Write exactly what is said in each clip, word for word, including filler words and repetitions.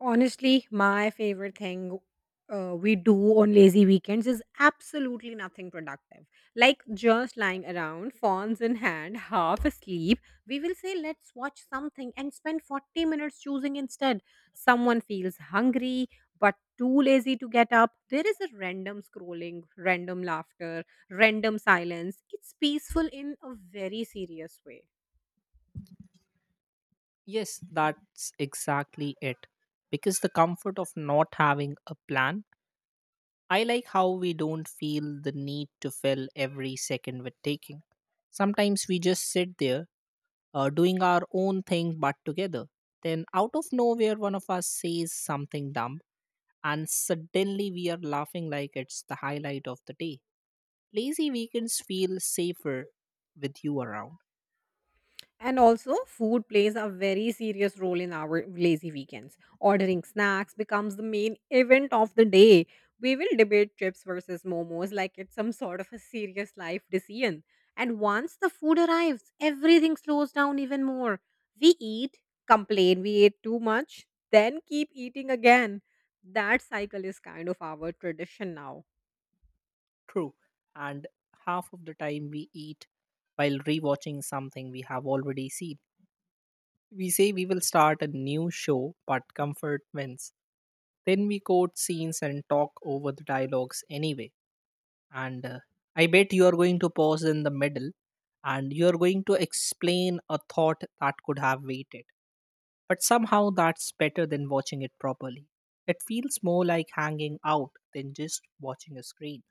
Honestly, my favorite thing uh, we do on lazy weekends is absolutely nothing productive. Like just lying around, phones in hand, half asleep. We will say, let's watch something and spend forty minutes choosing instead. Someone feels hungry but too lazy to get up. There is a random scrolling, random laughter, random silence. It's peaceful in a very serious way. Yes, that's exactly it. Because the comfort of not having a plan, I like how we don't feel the need to fill every second with taking. Sometimes we just sit there uh, doing our own thing but together. Then, out of nowhere, one of us says something dumb, and suddenly we are laughing like it's the highlight of the day. Lazy weekends feel safer with you around. And also, food plays a very serious role in our lazy weekends. Ordering snacks becomes the main event of the day. We will debate chips versus momos like it's some sort of a serious life decision. And once the food arrives, everything slows down even more. We eat, complain we ate too much, then keep eating again. That cycle is kind of our tradition now. True. And half of the time we eat while rewatching something we have already seen. We say we will start a new show, but comfort wins. Then we quote scenes and talk over the dialogues anyway. And uh, I bet you are going to pause in the middle and you are going to explain a thought that could have waited. But somehow that's better than watching it properly. It feels more like hanging out than just watching a screen.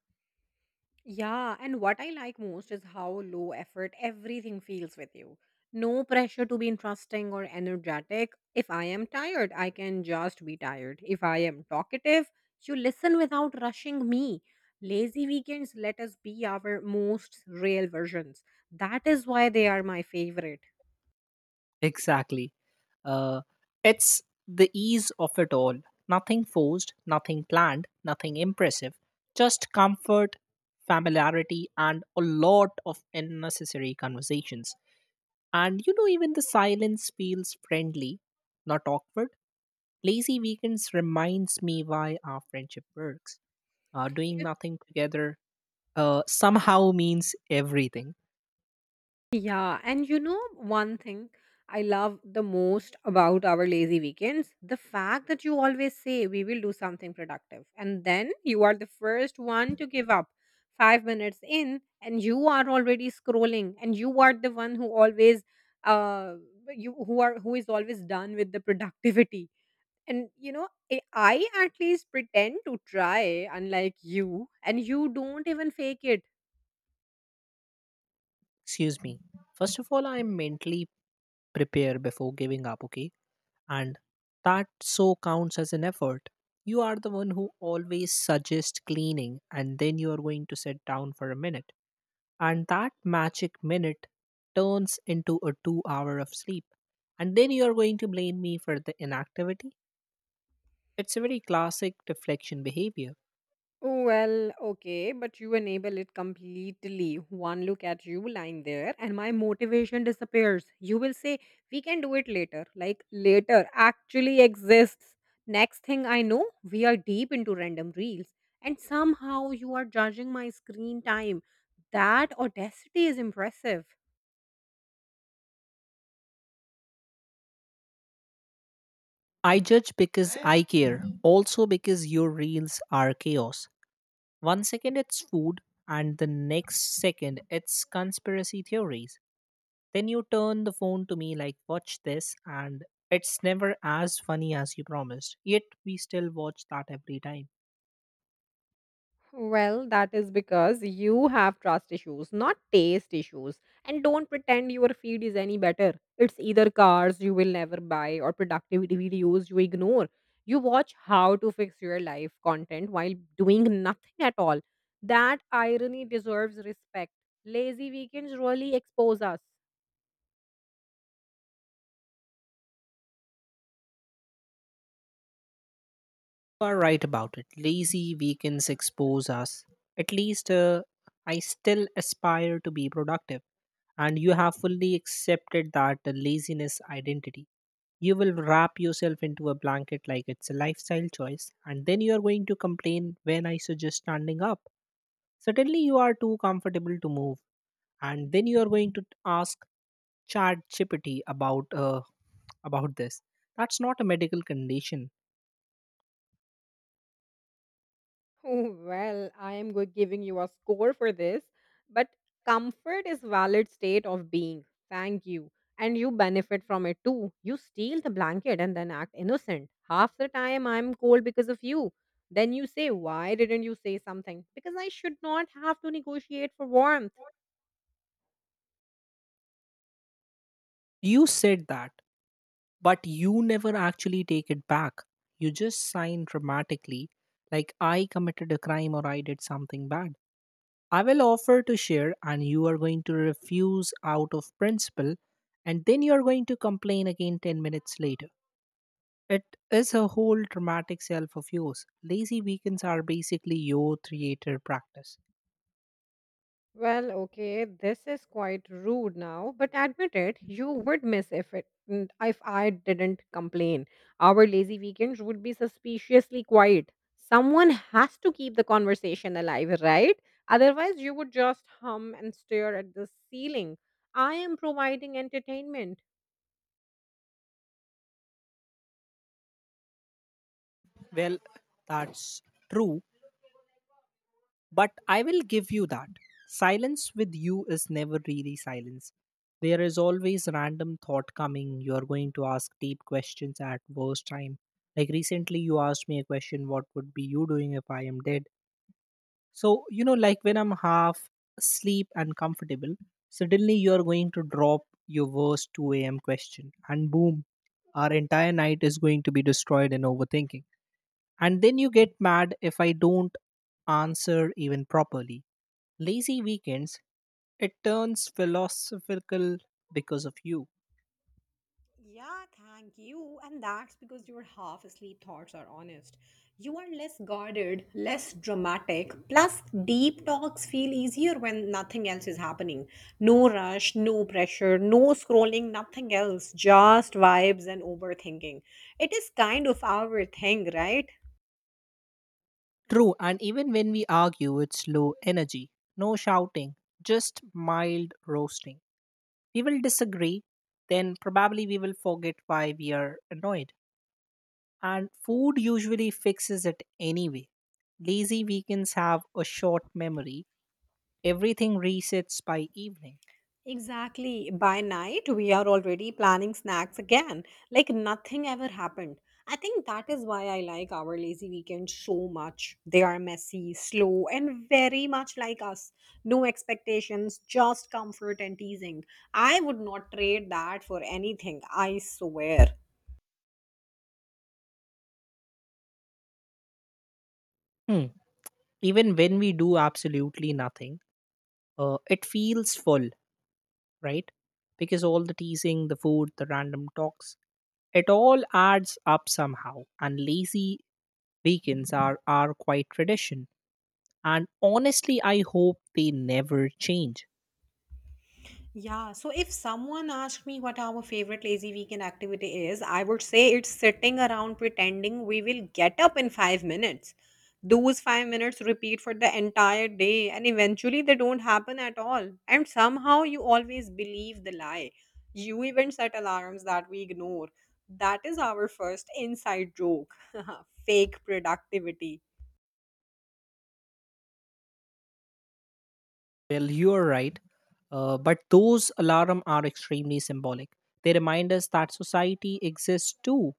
Yeah, and what I like most is how low effort everything feels with you. No pressure to be interesting or energetic. If I am tired, I can just be tired. If I am talkative, you listen without rushing me. Lazy weekends let us be our most real versions. That is why they are my favorite. Exactly. Uh, it's the ease of it all. Nothing forced, nothing planned, nothing impressive. Just comfort, familiarity, and a lot of unnecessary conversations. And you know, even the silence feels friendly, not awkward. Lazy weekends reminds me why our friendship works. Uh, doing nothing together uh, somehow means everything. Yeah, and you know one thing I love the most about our lazy weekends? The fact that you always say we will do something productive, and then you are the first one to give up five minutes in, and you are already scrolling, and you are the one who always uh you who are who is always done with the productivity. And you know, I I at least pretend to try, unlike you, and you don't even fake it. Excuse me. First of all, I mentally prepare before giving up, okay? And that so counts as an effort. You are the one who always suggests cleaning, and then you are going to sit down for a minute. And that magic minute turns into a two hour of sleep. And then you are going to blame me for the inactivity. It's a very classic deflection behavior. Well, okay, but you enable it completely. One look at you lying there, and my motivation disappears. You will say, we can do it later. Like, later actually exists. Next thing I know, we are deep into random reels, and somehow you are judging my screen time. That audacity is impressive. I judge because I care, also because your reels are chaos. One second it's food, and the next second it's conspiracy theories. Then you turn the phone to me like, watch this, and it's never as funny as you promised. Yet we still watch that every time. Well, that is because you have trust issues, not taste issues. And don't pretend your feed is any better. It's either cars you will never buy or productivity videos you ignore. You watch how to fix your life content while doing nothing at all. That irony deserves respect. Lazy weekends really expose us. You are right about it. Lazy weekends expose us. At least uh, I still aspire to be productive. And you have fully accepted that the laziness identity. You will wrap yourself into a blanket like it's a lifestyle choice, and then you are going to complain when I suggest standing up. Suddenly, you are too comfortable to move and then you are going to ask chat gpt about uh, about this that's not a medical condition. Oh, well, I am go- giving you a score for this, but comfort is valid state of being. Thank you. And you benefit from it too. You steal the blanket and then act innocent. Half the time I'm cold because of you. Then you say, why didn't you say something? Because I should not have to negotiate for warmth. You said that, but you never actually take it back. You just sign dramatically like I committed a crime or I did something bad. I will offer to share and you are going to refuse out of principle, and then you are going to complain again ten minutes later. It is a whole dramatic self of yours. Lazy weekends are basically your theater practice. Well, okay, this is quite rude now, but admit it, you would miss if it n- if I didn't complain. Our lazy weekends would be suspiciously quiet. Someone has to keep the conversation alive, right? Otherwise, you would just hum and stare at the ceiling. I am providing entertainment. Well, that's true, but I will give you that. Silence with you is never really silence. There is always random thought coming. You are going to ask deep questions at worst time. Like recently, you asked me a question, what would be you doing if I am dead? So, you know, like when I'm half asleep and comfortable, suddenly you are going to drop your worst two a m question, and boom, our entire night is going to be destroyed in overthinking. And then you get mad if I don't answer even properly. Lazy weekends, it turns philosophical because of you. Yeah, thank you. And that's because your half asleep thoughts are honest. You are less guarded, less dramatic. Plus, deep talks feel easier when nothing else is happening. No rush, no pressure, no scrolling, nothing else. Just vibes and overthinking. It is kind of our thing, right? True, and even when we argue, it's low energy. No shouting, just mild roasting. We will disagree, then probably we will forget why we are annoyed. And food usually fixes it anyway. Lazy weekends have a short memory. Everything resets by evening. Exactly. By night, we are already planning snacks again, like nothing ever happened. I think that is why I like our lazy weekends so much. They are messy, slow, and very much like us. No expectations, just comfort and teasing. I would not trade that for anything, I swear. Hmm. Even when we do absolutely nothing, uh, it feels full, right? Because all the teasing, the food, the random talks, it all adds up somehow, and lazy weekends are are quite tradition, and honestly I hope they never change. Yeah, so if someone asked me what our favorite lazy weekend activity is, I would say it's sitting around pretending we will get up in five minutes. Those five minutes repeat for the entire day, and eventually they don't happen at all. And somehow you always believe the lie. You even set alarms that we ignore. That is our first inside joke. Fake productivity. Well, you're right. Uh, but those alarm are extremely symbolic. They remind us that society exists too,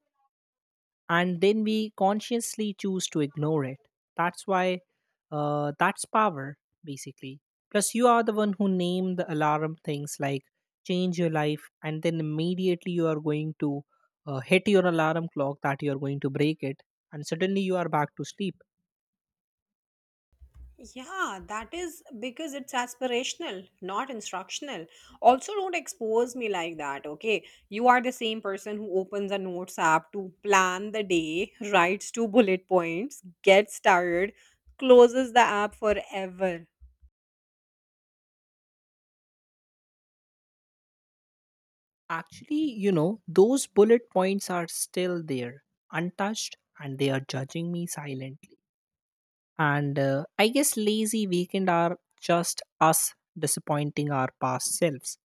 and then we consciously choose to ignore it. That's why, uh, that's power, basically. Plus you are the one who name the alarm things like change your life, and then immediately you are going to uh, hit your alarm clock that you are going to break it, and suddenly you are back to sleep. Yeah, that is because it's aspirational, not instructional. Also, don't expose me like that, okay? You are the same person who opens a notes app to plan the day, writes two bullet points, gets tired, closes the app forever. Actually, you know those bullet points are still there, untouched, and they are judging me silently. And uh, I guess lazy weekend are just us disappointing our past selves,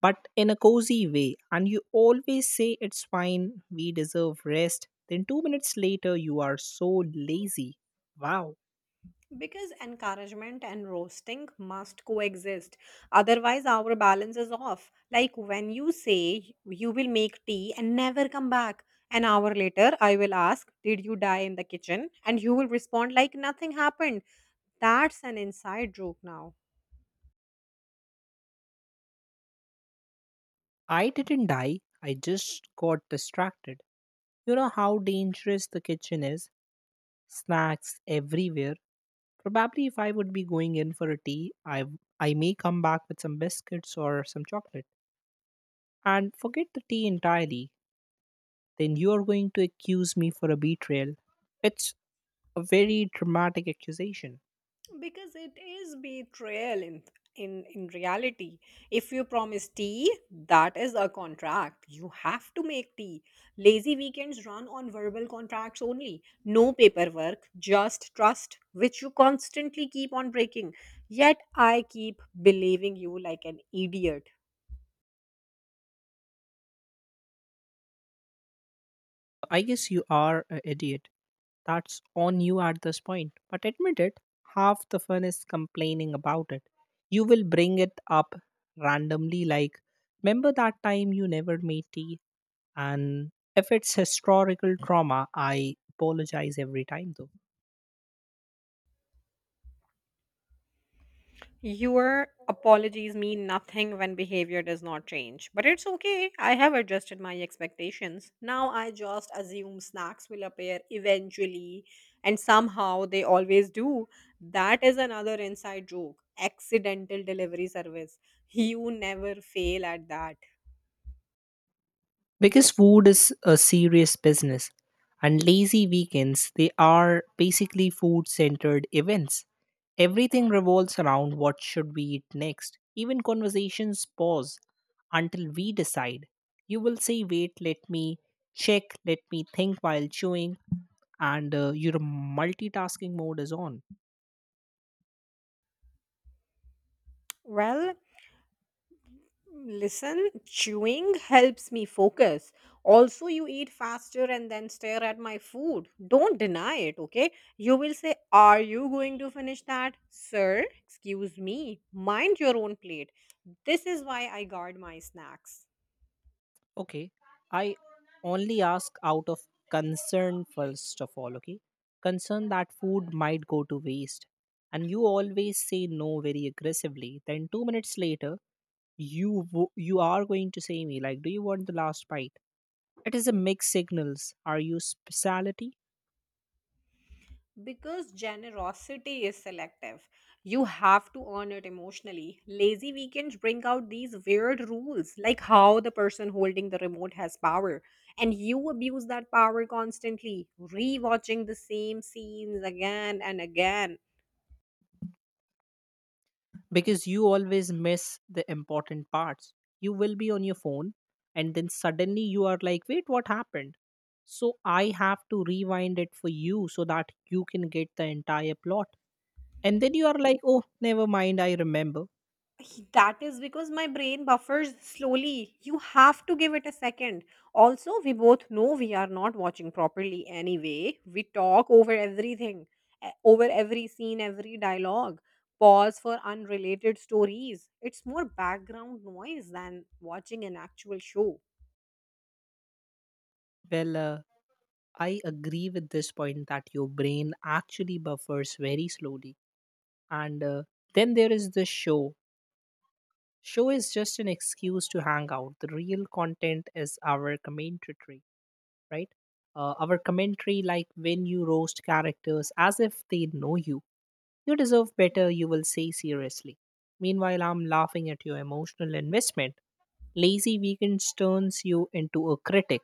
but in a cozy way. And you always say it's fine, we deserve rest, then two minutes later you are so lazy. Wow. Because encouragement and roasting must coexist. Otherwise, our balance is off. Like when you say you will make tea and never come back. An hour later, I will ask, did you die in the kitchen? And you will respond like nothing happened. That's an inside joke now. I didn't die, I just got distracted. You know how dangerous the kitchen is. Snacks everywhere. Probably if I would be going in for a tea, i i may come back with some biscuits or some chocolate and forget the tea entirely. Then you are going to accuse me for a betrayal. It's a very dramatic accusation. Because it is betrayal in in in reality. If you promise tea, that is a contract. You have to make tea. Lazy weekends run on verbal contracts only, no paperwork, just trust, which you constantly keep on breaking, yet I keep believing you like an idiot. I guess you are an idiot. That's on you at this point. But admit it, half the fun is complaining about it. You will bring it up randomly, like, remember that time you never made tea? And if it's historical trauma, I apologize every time though. Your apologies mean nothing when behavior does not change. But it's okay. I have adjusted my expectations. Now I just assume snacks will appear eventually, and somehow they always do. That is another inside joke. Accidental delivery service. You never fail at that. Because food is a serious business, and lazy weekends, they are basically food centered events. Everything revolves around what should we eat next. Even conversations pause until we decide. You will say, wait, let me check, let me think while chewing, and uh, your multitasking mode is on. Well, listen, chewing helps me focus. Also, you eat faster and then stare at my food. Don't deny it, okay? You will say, are you going to finish that? Sir, excuse me. Mind your own plate. This is why I guard my snacks. Okay. I only ask out of concern, first of all, okay? Concern that food might go to waste. And you always say no very aggressively. Then two minutes later, you wo- you are going to say me like, "Do you want the last bite?" It is a mixed signals. Are you speciality? Because generosity is selective, you have to earn it emotionally. Lazy weekends bring out these weird rules, like how the person holding the remote has power, and you abuse that power constantly, rewatching the same scenes again and again. Because you always miss the important parts. You will be on your phone and then suddenly you are like, wait, what happened? So I have to rewind it for you so that you can get the entire plot. And then you are like, oh, never mind, I remember. He- That is because my brain buffers slowly. You have to give it a second. Also, we both know we are not watching properly anyway. We talk over everything, e- over every scene, every dialogue, pause for unrelated stories. It's more background noise than watching an actual show. Well, uh, I agree with this point that your brain actually buffers very slowly. And uh, then there is the show. Show is just an excuse to hang out. The real content is our commentary, right? Uh, our commentary, like when you roast characters as if they know you, you deserve better, you will say seriously. Meanwhile, I'm laughing at your emotional investment. Lazy Weekends turns you into a critic.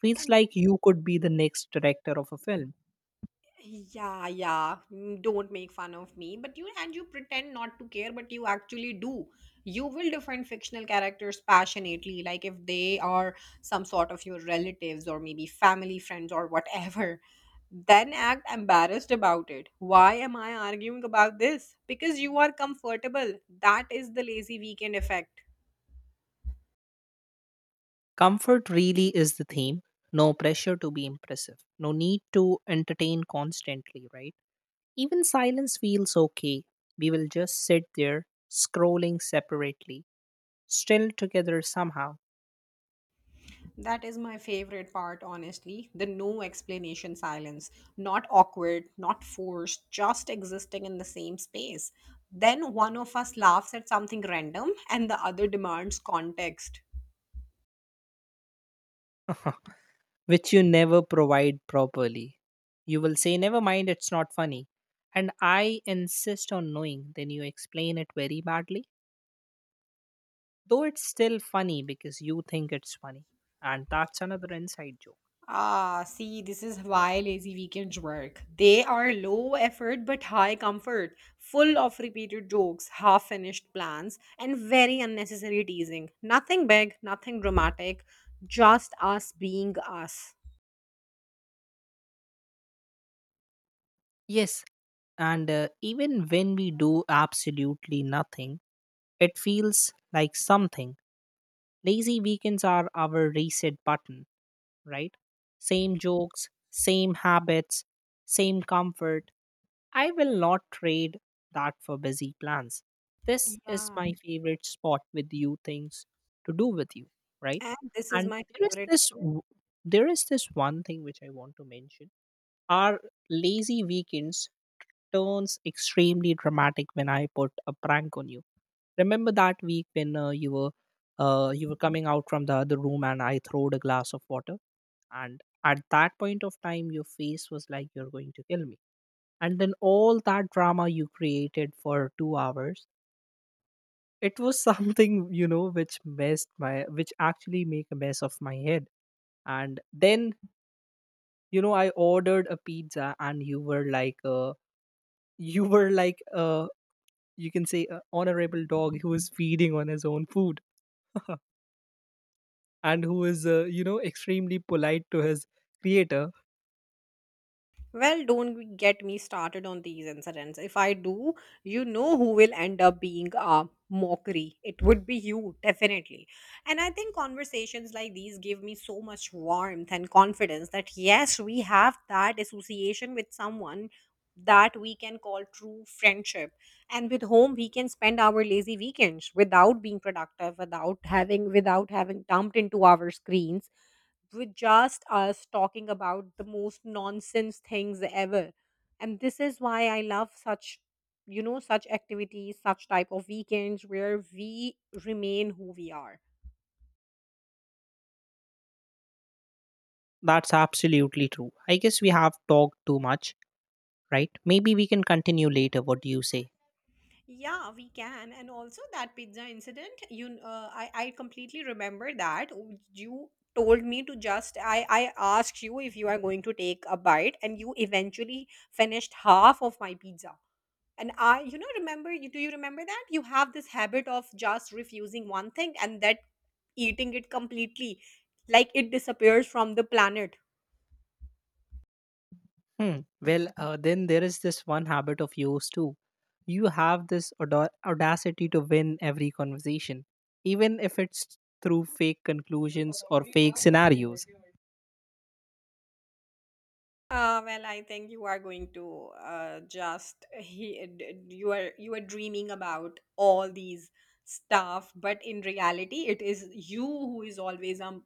Feels And like you could be the next director of a film. Yeah, yeah. mm, Don't make fun of me. But you and you pretend not to care, but you actually do. You will defend fictional characters passionately, like if they are some sort of your relatives or maybe family friends or whatever. Then act embarrassed about it. Why am I arguing about this? Because you are comfortable. That is the lazy weekend effect. Comfort really is the theme. No pressure to be impressive. No need to entertain constantly, right? Even silence feels okay. We will just sit there, scrolling separately, still together somehow. That is my favorite part, honestly. The no explanation silence. Not awkward, not forced, just existing in the same space. Then one of us laughs at something random and the other demands context. Which you never provide properly. You will say, never mind, it's not funny. And I insist on knowing, then you explain it very badly, though it's still funny because you think it's funny. And that's another inside joke. Ah, see, this is why lazy weekends work. They are low effort but high comfort, full of repeated jokes, half finished plans, and very unnecessary teasing. Nothing big, nothing dramatic, just us being us. Yes, and uh, even when we do absolutely nothing, it feels like something. Lazy weekends are our reset button, right? Same jokes, same habits, same comfort. I will not trade that for busy plans. This is Yeah. my favorite spot with you, things to do with you, right? And this is And my there is favorite. this w- there is this one thing which I want to mention. Our lazy weekends turns extremely dramatic when I put a prank on you. Remember that week when uh, you were uh, you were coming out from the other room and I throwed a glass of water, and at that point of time your face was like you're going to kill me. And then all that drama you created for two hours, it was something, you know, which messed my, which actually make a mess of my head. And then, you know, I ordered a pizza and you were like uh, you were like uh, you can say a honorable dog who is feeding on his own food, and who is uh, you know extremely polite to his creator. Well, don't get me started on these incidents. If I do, you know who will end up being a mockery. It would be you, definitely. And I think conversations like these give me so much warmth and confidence that yes, we have that association with someone that we can call true friendship, and with whom we can spend our lazy weekends without being productive, without having without having dumped into our screens, with just us talking about the most nonsense things ever. And this is why I love such, you know, such activities, such type of weekends where we remain who we are. That's absolutely true. I guess we have talked too much, right? Maybe we can continue later. What do you say? Yeah, we can. And also that pizza incident, you uh, I I completely remember that. Oh, you told me to just, I I asked you if you are going to take a bite and you eventually finished half of my pizza. And I, you know, remember you do you remember that? You have this habit of just refusing one thing and that eating it completely, like it disappears from the planet. Hmm. Well, uh, then there is this one habit of yours too. You have this auda- audacity to win every conversation, even if it's through fake conclusions or fake scenarios. Uh, well, I think you are going to uh, just he, d- d- you are you are dreaming about all these stuff, but in reality, it is you who is always a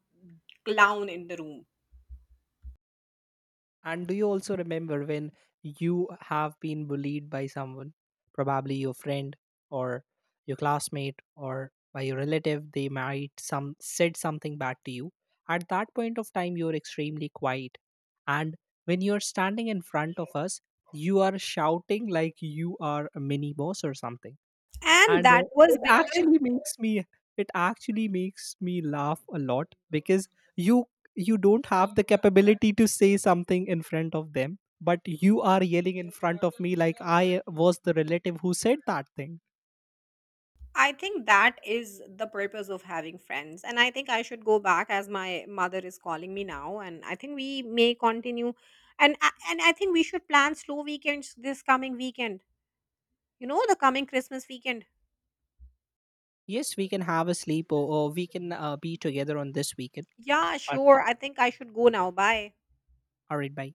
clown in the room, And do you also remember when you have been bullied by someone, probably your friend or your classmate or by your relative? They might some said something bad to you. At that point of time, you're extremely quiet, and when you're standing in front of us, you are shouting like you are a mini boss or something. and And uh, that was it because actually makes me it actually makes me laugh a lot because you you don't have the capability to say something in front of them, but you are yelling in front of me like I was the relative who said that thing. I think that is the purpose of having friends. And I think I should go back as my mother is calling me now. And I think we may continue. And, I- and I think we should plan slow weekends this coming weekend. You know, the coming Christmas weekend. Yes, we can have a sleep, or, or we can uh, be together on this weekend. Yeah, But, sure. I think I should go now. Bye. all right, bye.